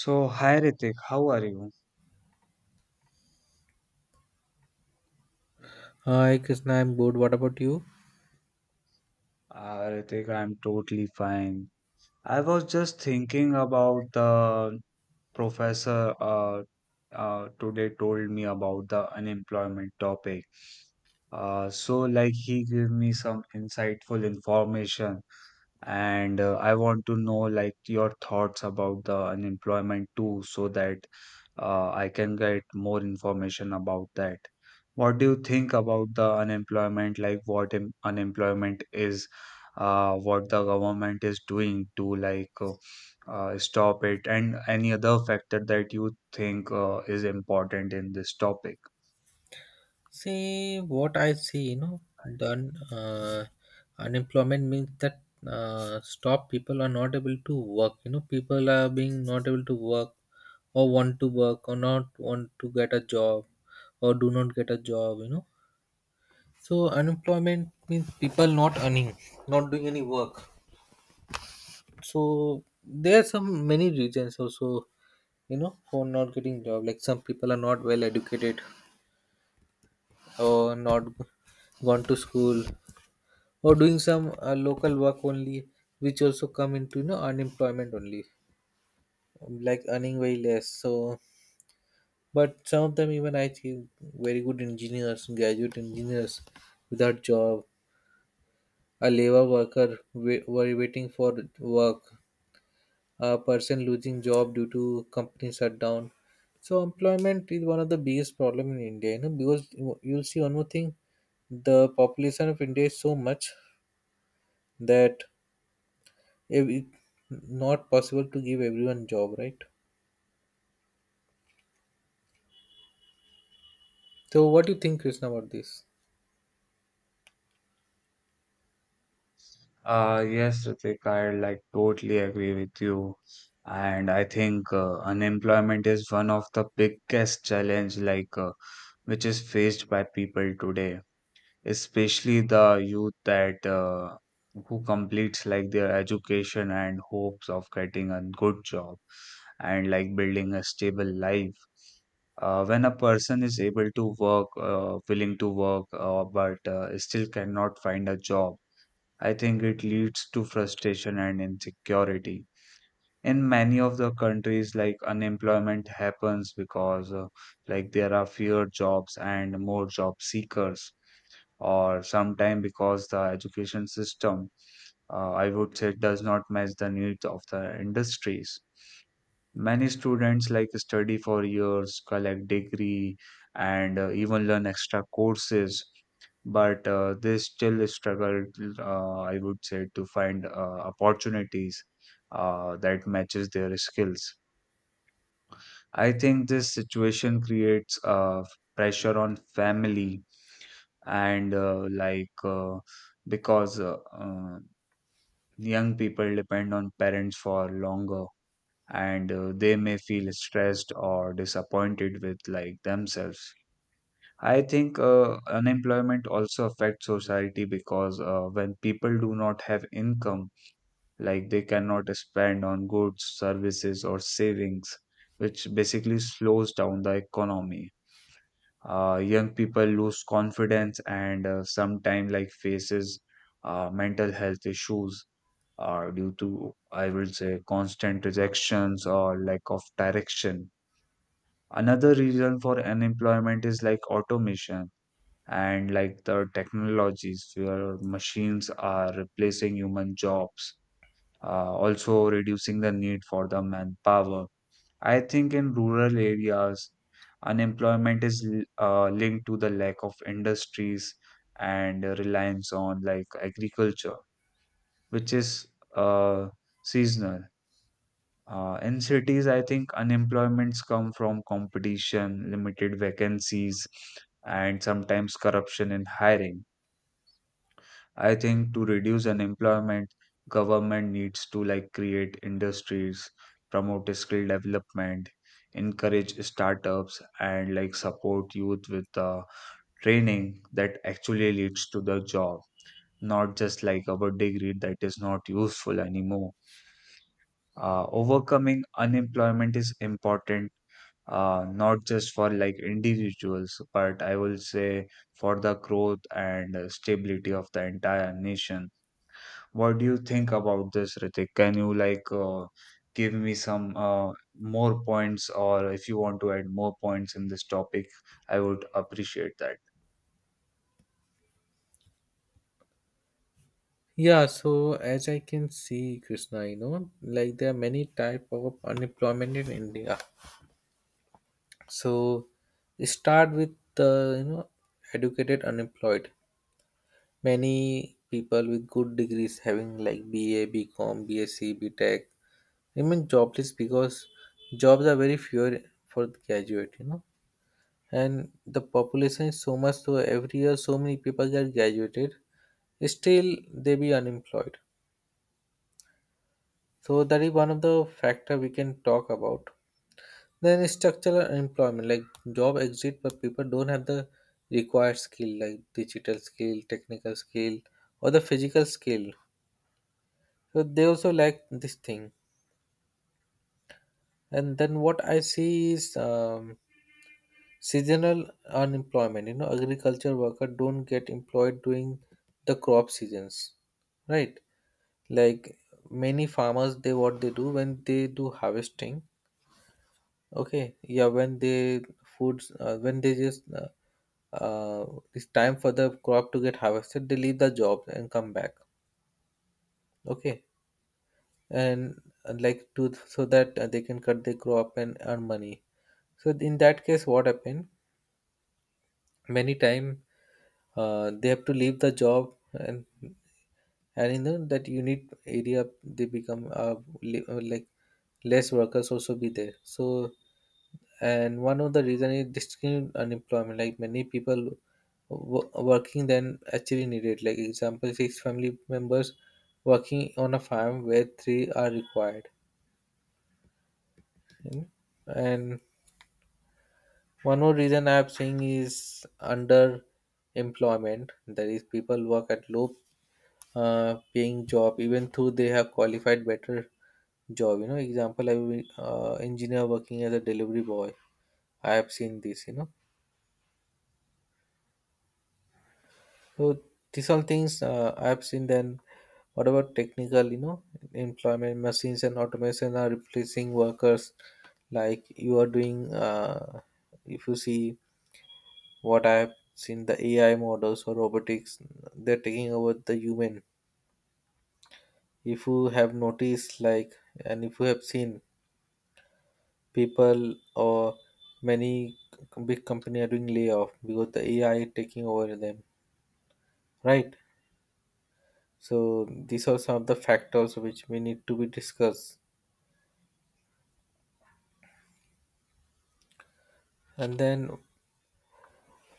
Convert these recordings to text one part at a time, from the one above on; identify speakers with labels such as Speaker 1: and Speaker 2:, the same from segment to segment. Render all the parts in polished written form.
Speaker 1: So, hi Ritik, how are you?
Speaker 2: Hi Krishna, I'm good. What about you?
Speaker 1: Ritik, I'm totally fine. I was just thinking about the professor today told me about the unemployment topic. So, like, he gave me some insightful information, and I want to know like your thoughts about the unemployment too, so that I can get more information about that. What do you think about the unemployment? Like, what im unemployment is, what the government is doing to like. Stop it, and any other factor that you think is important in this topic.
Speaker 2: See what I see, you know, unemployment means that stop people are not able to work. You know, people are being not able to work or want to work or not want to get a job or do not get a job. You know, so unemployment means people not earning, not doing any work. So there are some many reasons also, you know, for not getting job. Like some people are not well educated or not g- gone to school or doing some local work only which also come into you know unemployment only, like earning very less. So but some of them, even I think, very good engineers, graduate engineers without job, a labor worker were waiting for work, a person losing job due to company shutdown. So employment is one of the biggest problem in India, you know, because you'll see one more thing: the population of India is so much that it not possible to give everyone job, right? So what do you think, Krishna, about this?
Speaker 1: Yes, Ritik, I like totally agree with you. And I think unemployment is one of the biggest challenge like which is faced by people today. Especially the youth that who completes like their education and hopes of getting a good job and like building a stable life. When a person is able to work, willing to work, but still cannot find a job, I think it leads to frustration and insecurity. In many of the countries, like unemployment happens because like there are fewer jobs and more job seekers, or sometime because the education system, I would say, does not match the needs of the industries. Many students like study for years, collect degree, and even learn extra courses, but they still struggle, I would say, to find opportunities that matches their skills. I think this situation creates pressure on family, and like because young people depend on parents for longer, and they may feel stressed or disappointed with like themselves. I think unemployment also affects society, because when people do not have income, like they cannot spend on goods, services, or savings, which basically slows down the economy. Young people lose confidence and sometimes like faces mental health issues due to, I will say, constant rejections or lack of direction. Another reason for unemployment is like automation and like the technologies where machines are replacing human jobs, also reducing the need for the manpower. I think in rural areas, unemployment is linked to the lack of industries and reliance on like agriculture, which is, uh, seasonal. In cities, I think unemployments come from competition, limited vacancies, and sometimes corruption in hiring. I think to reduce unemployment, government needs to like create industries, promote skill development, encourage startups, and like support youth with training that actually leads to the job, not just like our degree that is not useful anymore. Overcoming unemployment is important, not just for like individuals, but I will say for the growth and stability of the entire nation. What do you think about this, Ritik? Can you like give me some more points, or if you want to add more points in this topic, I would appreciate that.
Speaker 2: Yeah, so as I can see, Krishna, you know, like there are many type of unemployment in India. So start with the, you know, educated unemployed. Many people with good degrees having like BA, BCom, BSc, BTech remain jobless because jobs are very few for the graduate, you know, and the population is so much, so every year so many people get graduated, still they be unemployed. So that is one of the factor we can talk about. Then structural unemployment, like job exit but people don't have the required skill, like digital skill, technical skill, or the physical skill. So they also lack this thing. And then what I see is seasonal unemployment, you know, agriculture worker don't get employed during the crop seasons, right? Like many farmers, they what they do when they do harvesting, okay, yeah, when they foods, when they just uh, it's time for the crop to get harvested, they leave the job and come back, okay, and like to, so that they can cut the crop and earn money. So in that case, what happened? Many time they have to leave the job and in the, that unit area they become like less workers also be there. So and one of the reason is discriminate unemployment, like many people working than actually needed, like example six family members working on a farm where three are required, you know. And one more reason I'm saying is under employment, that is people work at low paying job even though they have qualified better job, you know. Example, I will, engineer working as a delivery boy, I have seen this, you know. So these all things I have seen. Then what about technical, you know, employment, machines and automation are replacing workers. Like you are doing, if you see, what I have seen, the AI models or robotics, they're taking over the human. If you have noticed like, and if you have seen, people or many big company are doing layoff because the AI taking over them, right? So these are some of the factors which we need to be discussed. And then,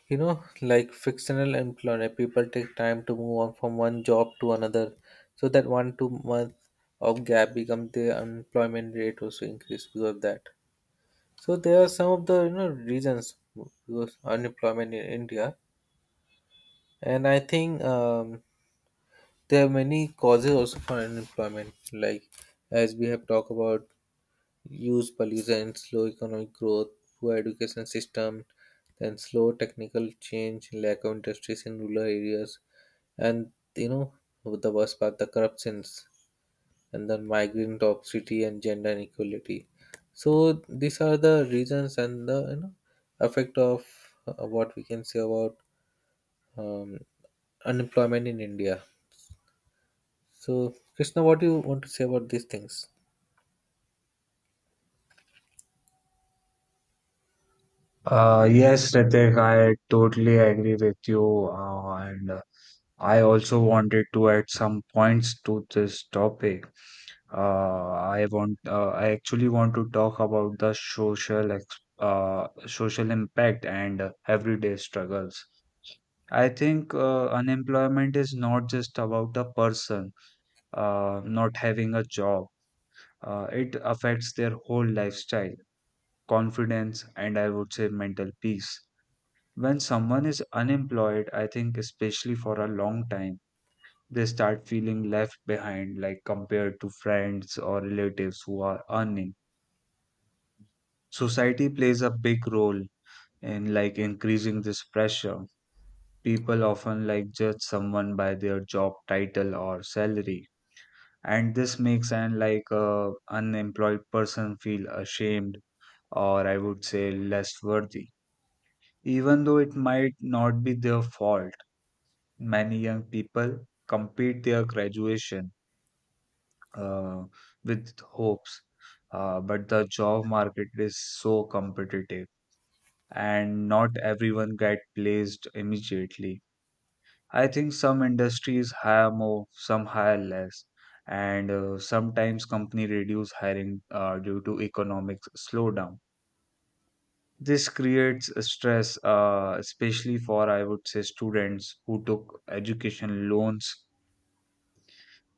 Speaker 2: you know, like fictional employment, people take time to move on from one job to another, so that one, two month of gap becomes the unemployment rate also increase because of that. So there are some of the you know reasons because unemployment in India. And I think there are many causes also for unemployment, like as we have talked about, use pollution, slow economic growth, poor education system, then slow technical change, lack of industries in rural areas, and, you know, the worst part, the corruptions, and then migrant obesity and gender inequality. So these are the reasons and the, you know, effect of, what we can say about, um, unemployment in India. So, Krishna, what do you want to say about these things?
Speaker 1: Yes, Ritik, I totally agree with you, and I also wanted to add some points to this topic. Uh, I actually want to talk about the social impact and everyday struggles. I think unemployment is not just about a person not having a job. It affects their whole lifestyle, confidence, and I would say mental peace. When someone is unemployed, I think, especially for a long time, they start feeling left behind, like compared to friends or relatives who are earning. Society plays a big role in like increasing this pressure. People often like judge someone by their job title or salary, and this makes an like unemployed person feel ashamed, or I would say less worthy, even though it might not be their fault. Many young people complete their graduation, uh, with hopes, but the job market is so competitive, and not everyone get placed immediately. I think some industries hire more, some hire less, and sometimes company reduce hiring due to economic slowdown. This creates a stress, especially for, I would say, students who took education loans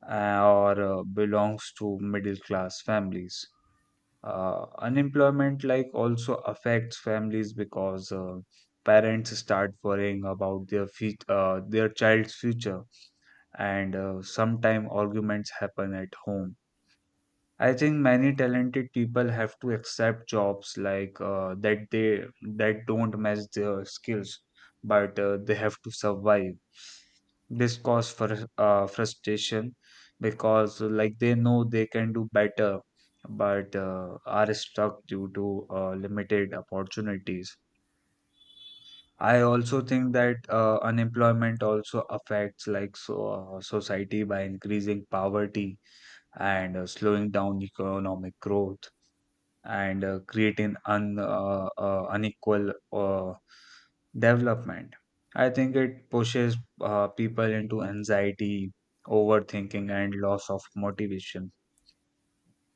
Speaker 1: or belongs to middle class families. Unemployment like also affects families, because parents start worrying about their their child's future, and sometimes arguments happen at home. I think many talented people have to accept jobs like that they that don't match their skills, but they have to survive. This cause for frustration, because like they know they can do better, but are stuck due to limited opportunities. I also think that unemployment also affects like society by increasing poverty, and slowing down economic growth, and creating unequal development. I think it pushes people into anxiety, overthinking, and loss of motivation.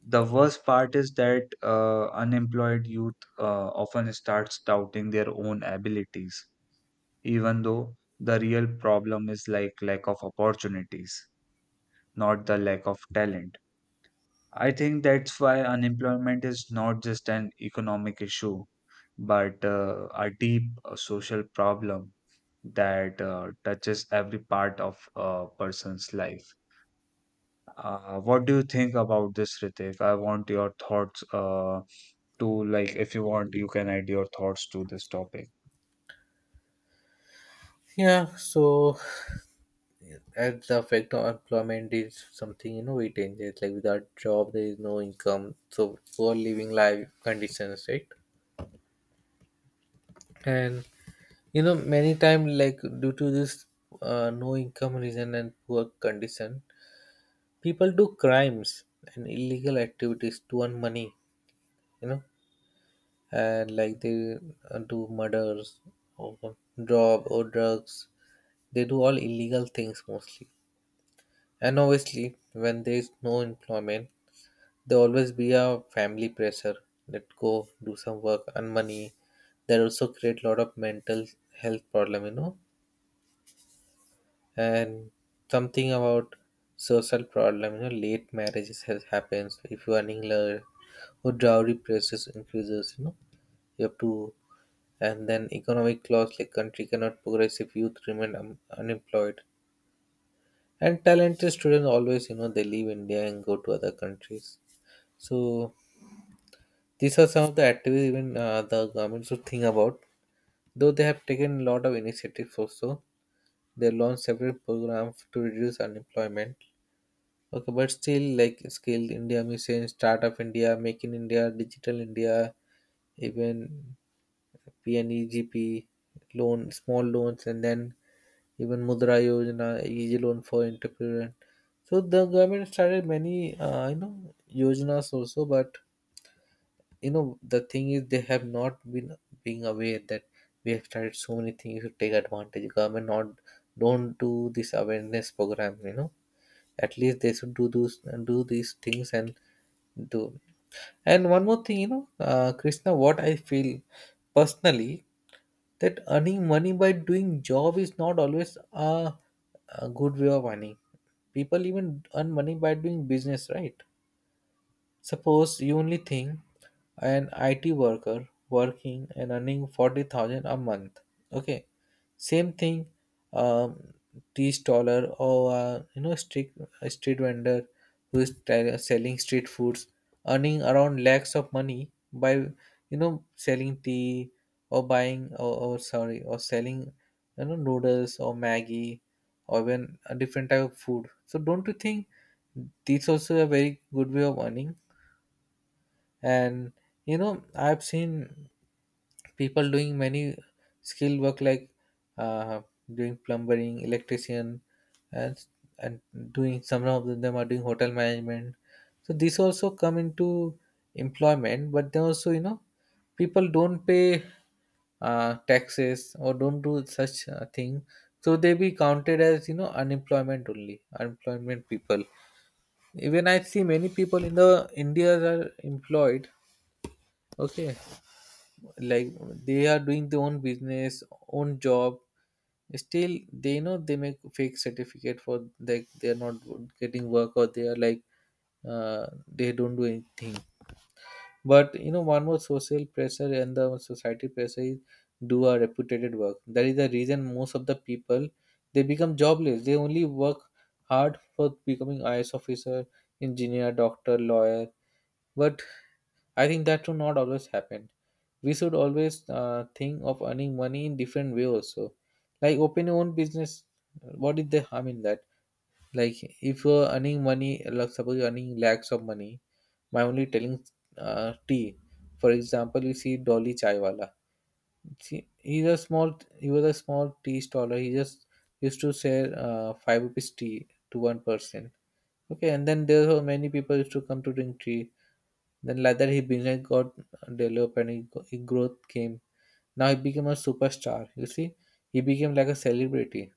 Speaker 1: The worst part is that unemployed youth often starts doubting their own abilities, even though the real problem is like lack of opportunities, not the lack of talent. I think that's why unemployment is not just an economic issue, but a deep social problem that touches every part of a person's life. What do you think about this, Ritik? I want your thoughts. To like If you want, you can add your thoughts to this topic.
Speaker 2: Yeah, so as the effect of employment is something, you know, it changes. Like without job, there is no income. So poor living life conditions, right? And you know many times, like due to this no income reason and poor condition, people do crimes and illegal activities to earn money. You know, and like they do murders or rob or drugs. They do all illegal things mostly. And obviously, when there is no employment, there always be a family pressure. Let go, do some work, earn money. That also create a lot of mental health problem, you know. And something about social problem, you know, late marriages has happens. If you are earning less, or dowry prices increases, you know, you have to. And then economic loss, like country cannot progress if youth remain unemployed. And talented students always, you know, they leave India and go to other countries. So these are some of the activities even the government should think about. Though they have taken a lot of initiatives also, they launched several programs to reduce unemployment. Okay, but still like Skill India Mission, Startup India, Make in India, Digital India, even PNEGP loan, small loans, and then even Mudra Yojana, easy loan for entrepreneur. So the government started many, you know, yojanas also, but you know the thing is they have not been being aware that we have started so many things to take advantage. Government not, don't do this awareness program, you know. At least they should do those, do these things, and do. And one more thing, you know, Krishna, what I feel personally, that earning money by doing job is not always a good way of earning. People even earn money by doing business, right? Suppose you only think an IT worker working and earning 40,000 a month. Okay, same thing, um, tea staller or you know, street, a street vendor who is selling street foods, earning around lakhs of money by, you know, selling tea or buying or sorry or selling, you know, noodles or Maggie or even a different type of food. So don't you think this also a very good way of earning? And you know I've seen people doing many skilled work, like uh, doing plumbing, electrician, and and doing, some of them are doing hotel management. So these also come into employment, but then also, you know, people don't pay taxes or don't do such thing, so they be counted as, you know, unemployment only, unemployment people. Even I see many people in the India are employed, okay, like they are doing their own business, own job, still they know they make fake certificate for like they're not getting work or they are like they don't do anything. But you know, one more social pressure and the society pressure is do a reputed work, that is the reason most of the people they become jobless, they only work hard for becoming is officer, engineer, doctor, lawyer, but I think that should not always happen. We should always think of earning money in different way also. Like open your own business. What is the harm in that? Like if you're earning money, like suppose you're earning lakhs of money by only telling tea. For example, you see Dolly Chaiwala. See, He was a small tea staller. He just used to sell five rupees tea to one person. Okay, and then there were many people used to come to drink tea. Then later he business got developed and he growth came. Now he became a superstar. You see, he became like a celebrity.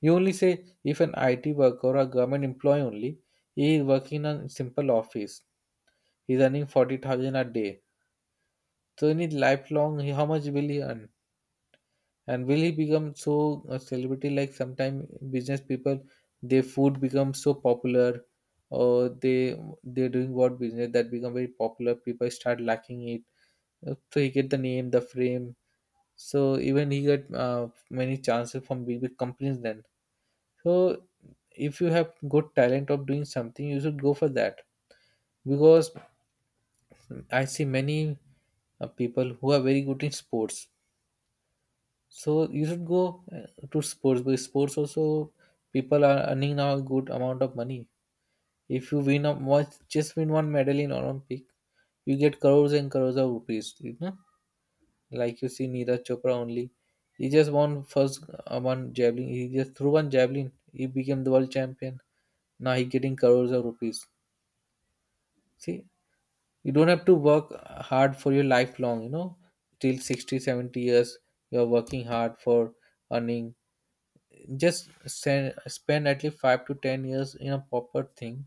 Speaker 2: You only say if an IT worker or a government employee only, he is working in a simple office, he's earning 40,000 a day. So in his lifelong, he- how much will he earn? And will he become so a celebrity? Like sometime business people, their food becomes so popular, or they they're doing what business that become very popular. People start liking it. So he get the name, the frame. So even he get many chances from big big companies then. So if you have good talent of doing something, you should go for that, because I see many people who are very good in sports. So you should go to sports because sports also people are earning now a good amount of money. If you win a much, just win one medal in Olympic, you get crores and crores of rupees. You know? Like you see Neeraj Chopra only. He just won first one javelin. He just threw one javelin. He became the world champion. Now he getting crores of rupees. See, you don't have to work hard for your lifelong, you know, till 60, 70 years. You're working hard for earning. Just spend at least 5 to 10 years in a proper thing.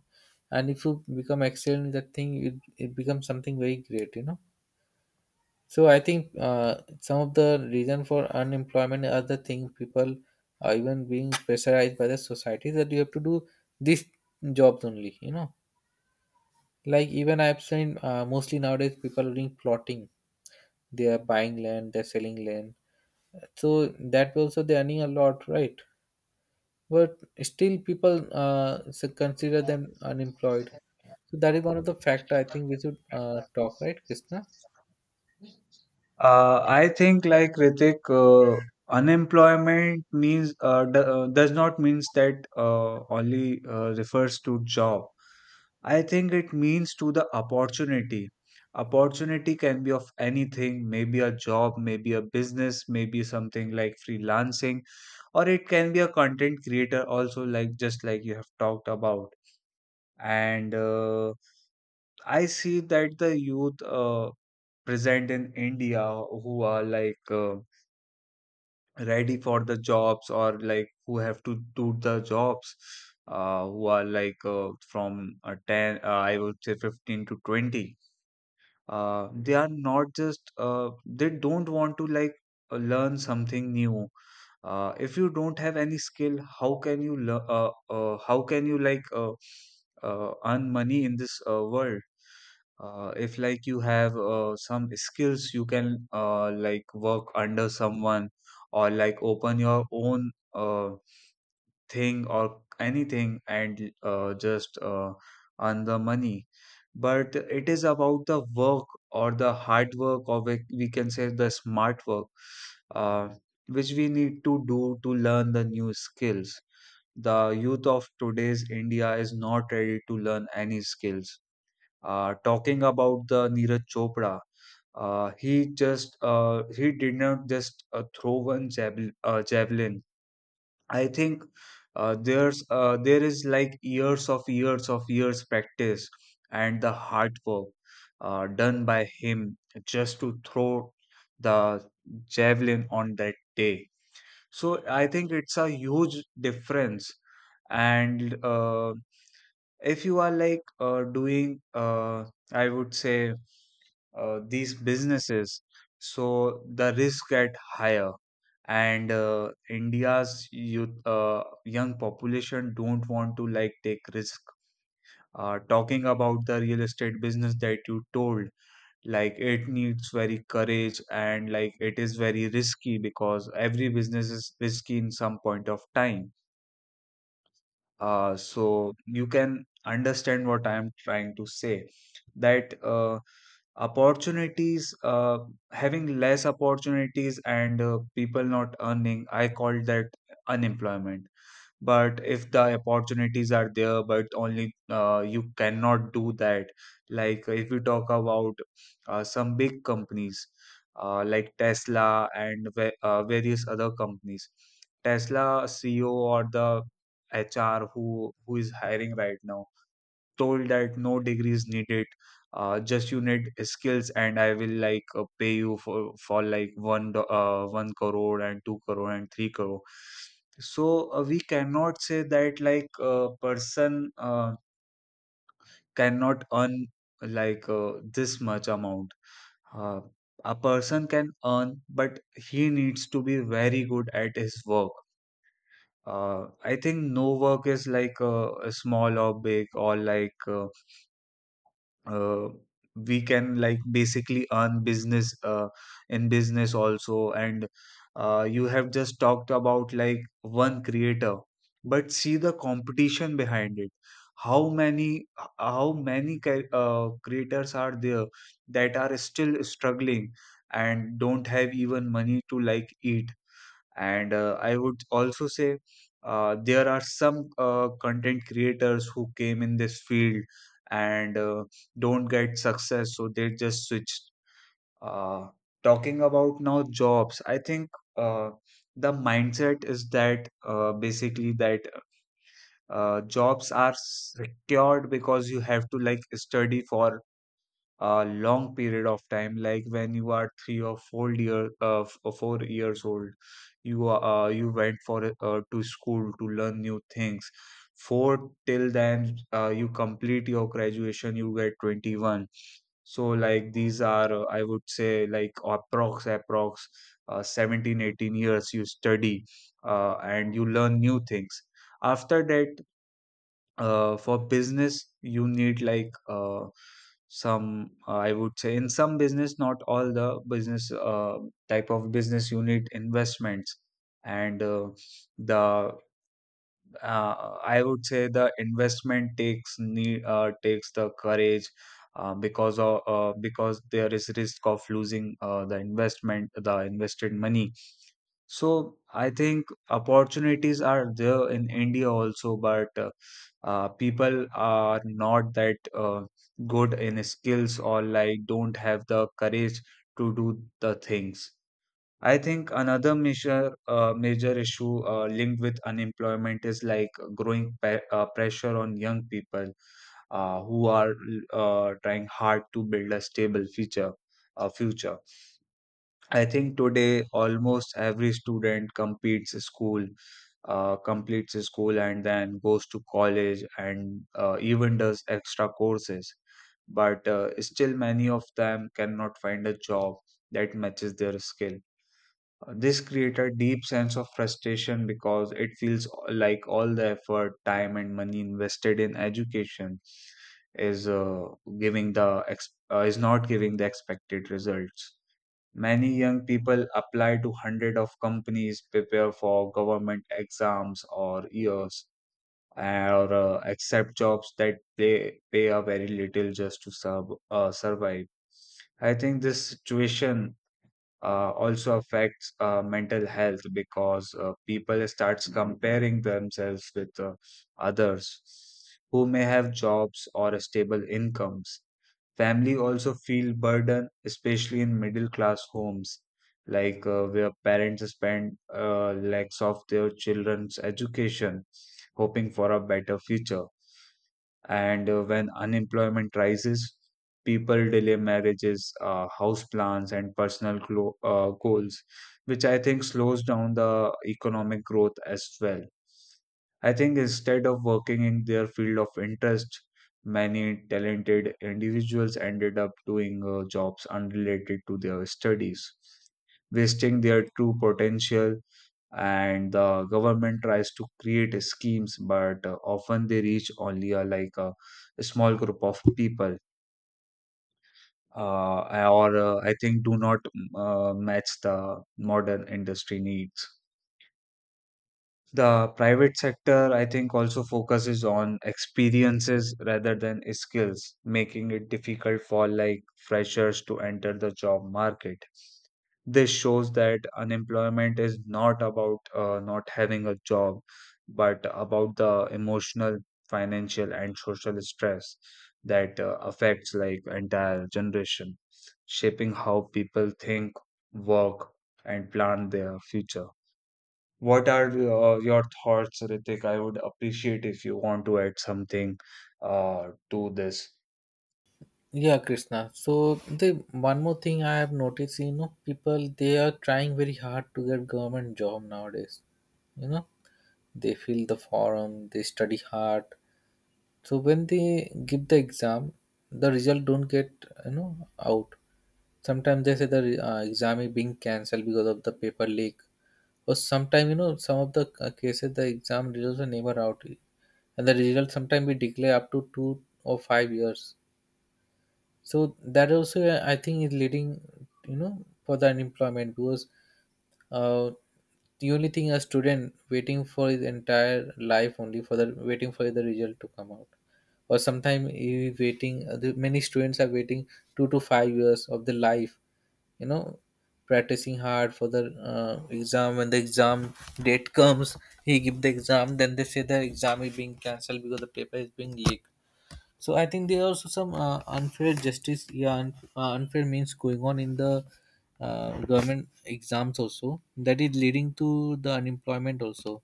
Speaker 2: And if you become excellent in that thing, it becomes something very great, you know. So I think some of the reason for unemployment are the thing people are even being pressurized by the society that you have to do these jobs only. You know, like even I've seen mostly nowadays people are doing plotting. They are buying land, they're selling land. So that way also they're earning a lot, right? But still people consider them unemployed. So that is one of the factor I think we should talk, right, Krishna?
Speaker 1: I think, like, Ritik, unemployment does not means that only refers to job. I think it means to the opportunity. Opportunity can be of anything, maybe a job, maybe a business, maybe something like freelancing, or it can be a content creator also, like just like you have talked about. And I see that the youth present in India, who are like, ready for the jobs, or like who have to do the jobs, who are like from 10, I would say, 15 to 20, they are not just they don't want to like learn something new. If you don't have any skill, how can you how can you like earn money in this world? If, like, you have some skills, you can like work under someone, or like open your own thing or anything, and just earn the money. But it is about the work, or the hard work, or we can say the smart work, uh, which we need to do to learn the new skills. The youth of today's India is not ready to learn any skills. Talking about the Neeraj Chopra, he did not just throw one javelin. I think there is like years of years of years practice and the hard work done by him, just to throw the javelin on that day. So I think it's a huge difference, and if you are like doing, I would say, these businesses, so the risk get higher. And India's youth young population don't want to like take risk. Talking about the real estate business that you told, like it needs very courage, and like it is very risky, because every business is risky in some point of time. So you can understand what I am trying to say, that opportunities having less opportunities and people not earning, I call that unemployment. But if the opportunities are there, but only you cannot do that. Like if we talk about some big companies like Tesla and various other companies, Tesla CEO or the HR, who is hiring right now, told that no degree is needed. Just you need skills, and I will, like, pay you for like one crore and two crore and three crore. So we cannot say that, like, a person uh, cannot earn, like this much amount. uh, a person can earn, but he needs to be very good at his work. I think no work is like small or big, or like uh, we can like basically earn business in business also. And you have just talked about like one creator, but see the competition behind it. How many how many creators are there that are still struggling and don't have even money to like eat. And I would also say there are some content creators who came in this field and don't get success, so they just switch. uh, Talking about now jobs, I think uh, the mindset is that basically that jobs are secured, because you have to like study for a long period of time, like when you are 3 or 4 year 4 years old. You are you went for a- to school to learn new things. For till then you complete your graduation, you get 21. So like these are I would say like approx 17 18 years you study and you learn new things. After that, for business you need like some, I would say in some business, not all the business, type of business you need investments. And the uh, I would say the investment takes the courage, because there is risk of losing the investment, the invested money. So I think opportunities are there in India also, but people are not that good in skills, or like don't have the courage to do the things. I think another major issue linked with unemployment is like growing pressure on young people who are trying hard to build a stable future. A future I think today almost every student completes school, and then goes to college, and even does extra courses. But still, many of them cannot find a job that matches their skill. This creates a deep sense of frustration because it feels like all the effort, time, and money invested in education is is not giving the expected results. Many young people apply to hundreds of companies, prepare for government exams or years, or accept jobs that they pay a very little just to survive. I think this situation also affects mental health, because people starts comparing themselves with others who may have jobs or stable incomes. Family also feel burden, especially in middle class homes, like where parents spend lakhs of their children's education, hoping for a better future. And when unemployment rises, people delay marriages, house plans, and personal goals, which I think slows down the economic growth as well. I think instead of working in their field of interest, many talented individuals ended up doing jobs unrelated to their studies, wasting their true potential. And the government tries to create a schemes, but often they reach only a small group of people, or I think do not match the modern industry needs. The private sector, I think, also focuses on experiences rather than skills, making it difficult for like freshers to enter the job market. This shows that unemployment is not about not having a job, but about the emotional, financial, and social stress that affects like entire generation, shaping how people think, work, and plan their future. What are your thoughts, Ritik? I would appreciate if you want to add something to this.
Speaker 2: Yeah, Krishna. So the one more thing I have noticed, you know, people they are trying very hard to get government job nowadays. You know, they fill the form, they study hard. So when they give the exam, the result don't get, you know, out. Sometimes they say the exam is being cancelled because of the paper leak, or sometimes, you know, some of the cases the exam results are never out, and the result sometimes be delayed up to 2 or 5 years. So that also I think is leading, you know, for the unemployment. Because uh, the only thing a student waiting for his entire life only for the waiting for the result to come out, or sometimes he waiting many students are waiting 2 to 5 years of the life, you know, practicing hard for the exam. When the exam date comes, he give the exam, then they say the exam is being cancelled because the paper is being leaked. So I think there are also some unfair justice, yeah, unfair means going on in the government exams also, that is leading to the unemployment also,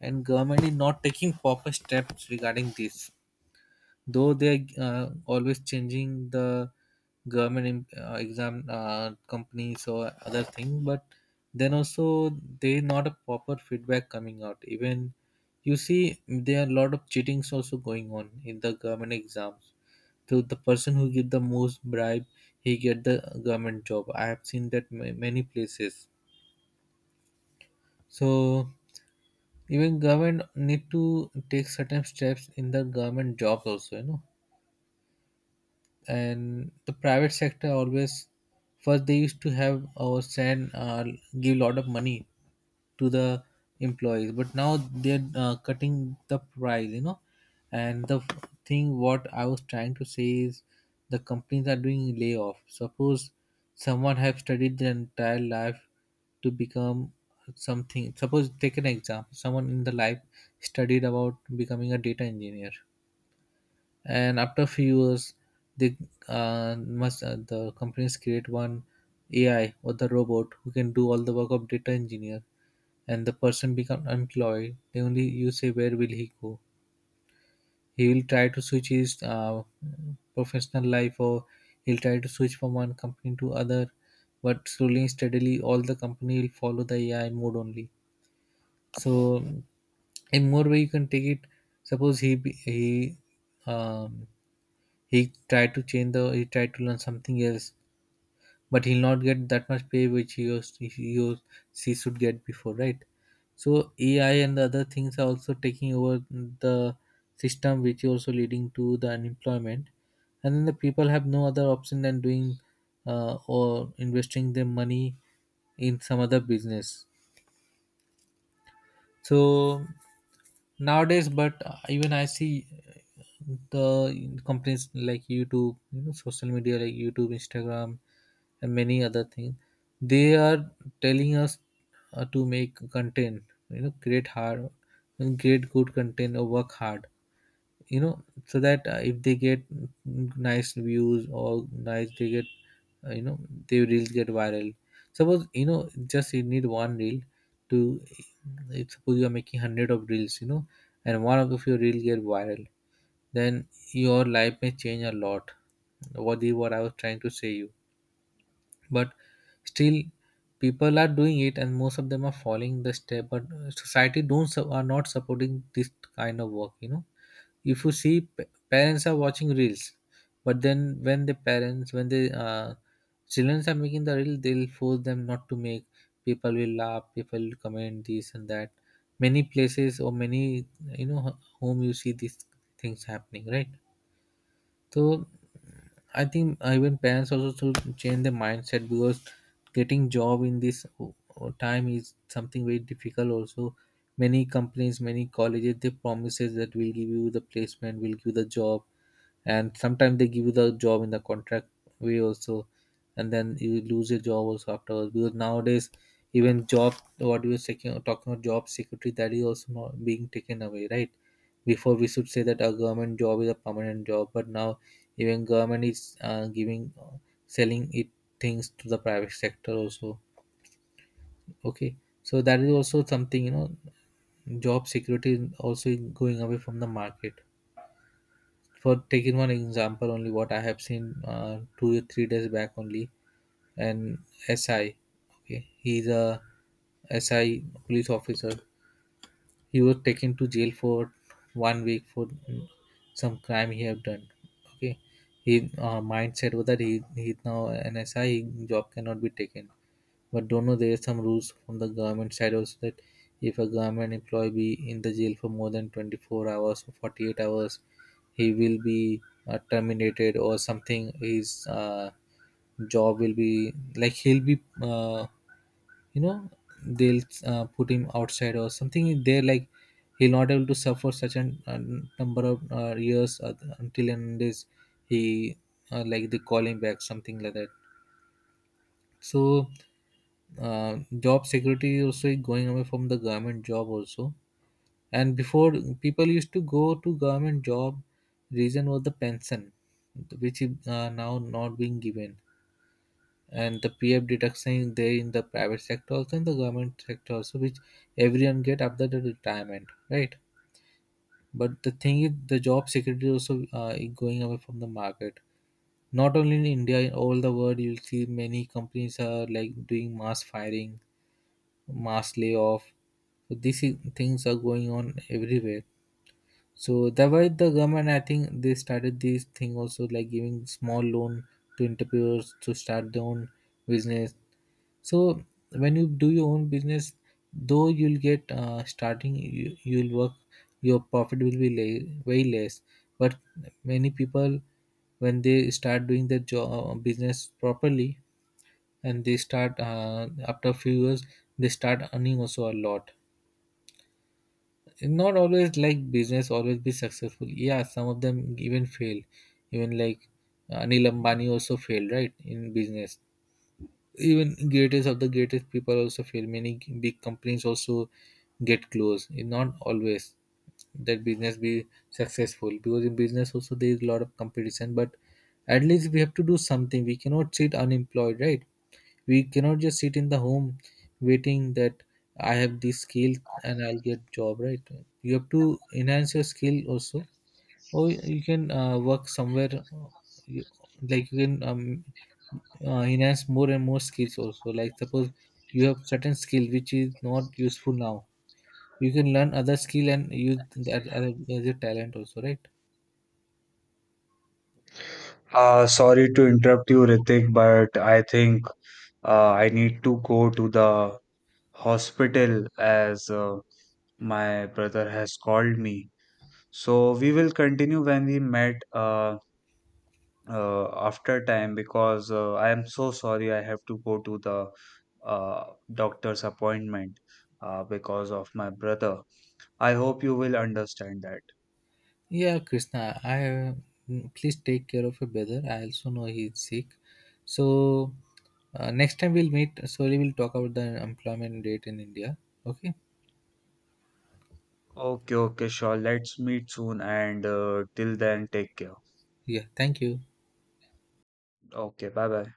Speaker 2: and government is not taking proper steps regarding this. Though they're always changing the government exam companies or other thing, but then also they not a proper feedback coming out. Even you see there are a lot of cheatings also going on in the government exams. So the person who give the most bribe, he get the government job. I have seen that many places. So even government need to take certain steps in the government jobs also, you know. And the private sector always first they used to have or send give a lot of money to the employees, but now they're cutting the price, you know. And the thing what I was trying to say is the companies are doing layoff. Suppose someone have studied their entire life to become something. Suppose take an example, someone in the life studied about becoming a data engineer, and after a few years they must the companies create one AI or the robot who can do all the work of data engineer, and the person become unemployed. They only you say, where will he go? He will try to switch his professional life, or he'll try to switch from one company to other. But slowly and steadily all the company will follow the AI mode only. So in more way you can take it. Suppose he, um, he tried to change the he tried to learn something else, but he'll not get that much pay which he used, he should get before, right? So AI and the other things are also taking over the system, which is also leading to the unemployment. And then the people have no other option than doing or investing their money in some other business. So nowadays, but even I see the companies like YouTube, you know, social media like YouTube, Instagram, and many other things, they are telling us to make content, you know, create hard, create good content or work hard, you know, so that if they get nice views or nice they get, uh, you know their reels get viral. Suppose, you know, just you need one reel to, if suppose you are making 100 of reels, you know, and one of your reel get viral, then your life may change a lot. What I was trying to say you, but still people are doing it, and most of them are following the step. But society don't su- are not supporting this kind of work. You know, if you see parents are watching reels, but then when the children are making the reel, they'll force them not to make. People will laugh. People will comment this and that. Many places or many, you know, home you see these things happening, right? So I think even parents also should change their mindset, because getting job in this time is something very difficult. Also, many companies, many colleges, they promises that we'll give you the placement, we'll give you the job, and sometimes they give you the job in the contract way also, and then you lose your job also afterwards, because nowadays even job, what we were talking about job security, that is also not being taken away, right? Before we should say that a government job is a permanent job, but now even government is giving selling it things to the private sector also. Okay. So that is also something, you know, job security is also going away from the market. For taking one example only, what I have seen 2 or 3 days back only, an SI, okay, he's a SI police officer, he was taken to jail for one week for some crime he have done. Okay. His mindset was that he's now an SI, his job cannot be taken. But don't know there is some rules from the government side also, that if a government employee be in the jail for more than 24 hours or 48 hours, he will be terminated or something. His job will be like he'll be, you know they'll put him outside or something there, like he'll not able to suffer such an a number of years, until and this he like they call him back, something like that. So job security also is going away from the government job also. And before, people used to go to government job, reason was the pension, which is now not being given. And the PF deduction is there in the private sector also, in the government sector also, which everyone get after the retirement, right? But the thing is the job security also is going away from the market. Not only in India, in all the world you'll see many companies are like doing mass firing, mass layoff. So these things are going on everywhere. So that why the government, I think, they started this thing also, like giving small loan to entrepreneurs to start their own business. So when you do your own business, though you'll get you'll work, your profit will be way less. But many people, when they start doing their job business properly, and they start after a few years, they start earning also a lot. Not always like business always be successful, yeah, some of them even fail. Even like Anil Ambani also failed, right, in business. Even greatest of the greatest people also fail, many big companies also get closed. It's not always that business be successful, because in business also there is a lot of competition. But at least we have to do something, we cannot sit unemployed, right? We cannot just sit in the home waiting that I have this skill and I'll get job, right? You have to enhance your skill also. Or you can work somewhere, you, like you can, enhance more and more skills also. Like suppose you have certain skill which is not useful now, you can learn other skill and use that as a talent also, right?
Speaker 1: Sorry to interrupt you, Ritik, but I think I need to go to the hospital as my brother has called me. So we will continue when we met after time, because I am so sorry, I have to go to the doctor's appointment because of my brother. I hope you will understand that.
Speaker 2: Yeah, Krishna, please take care of your brother. I also know he is sick. So next time we'll meet. Slowly we'll talk about the employment rate in India. Okay.
Speaker 1: Okay, okay, sure. Let's meet soon, and till then, take care.
Speaker 2: Yeah. Thank you.
Speaker 1: Okay, bye bye.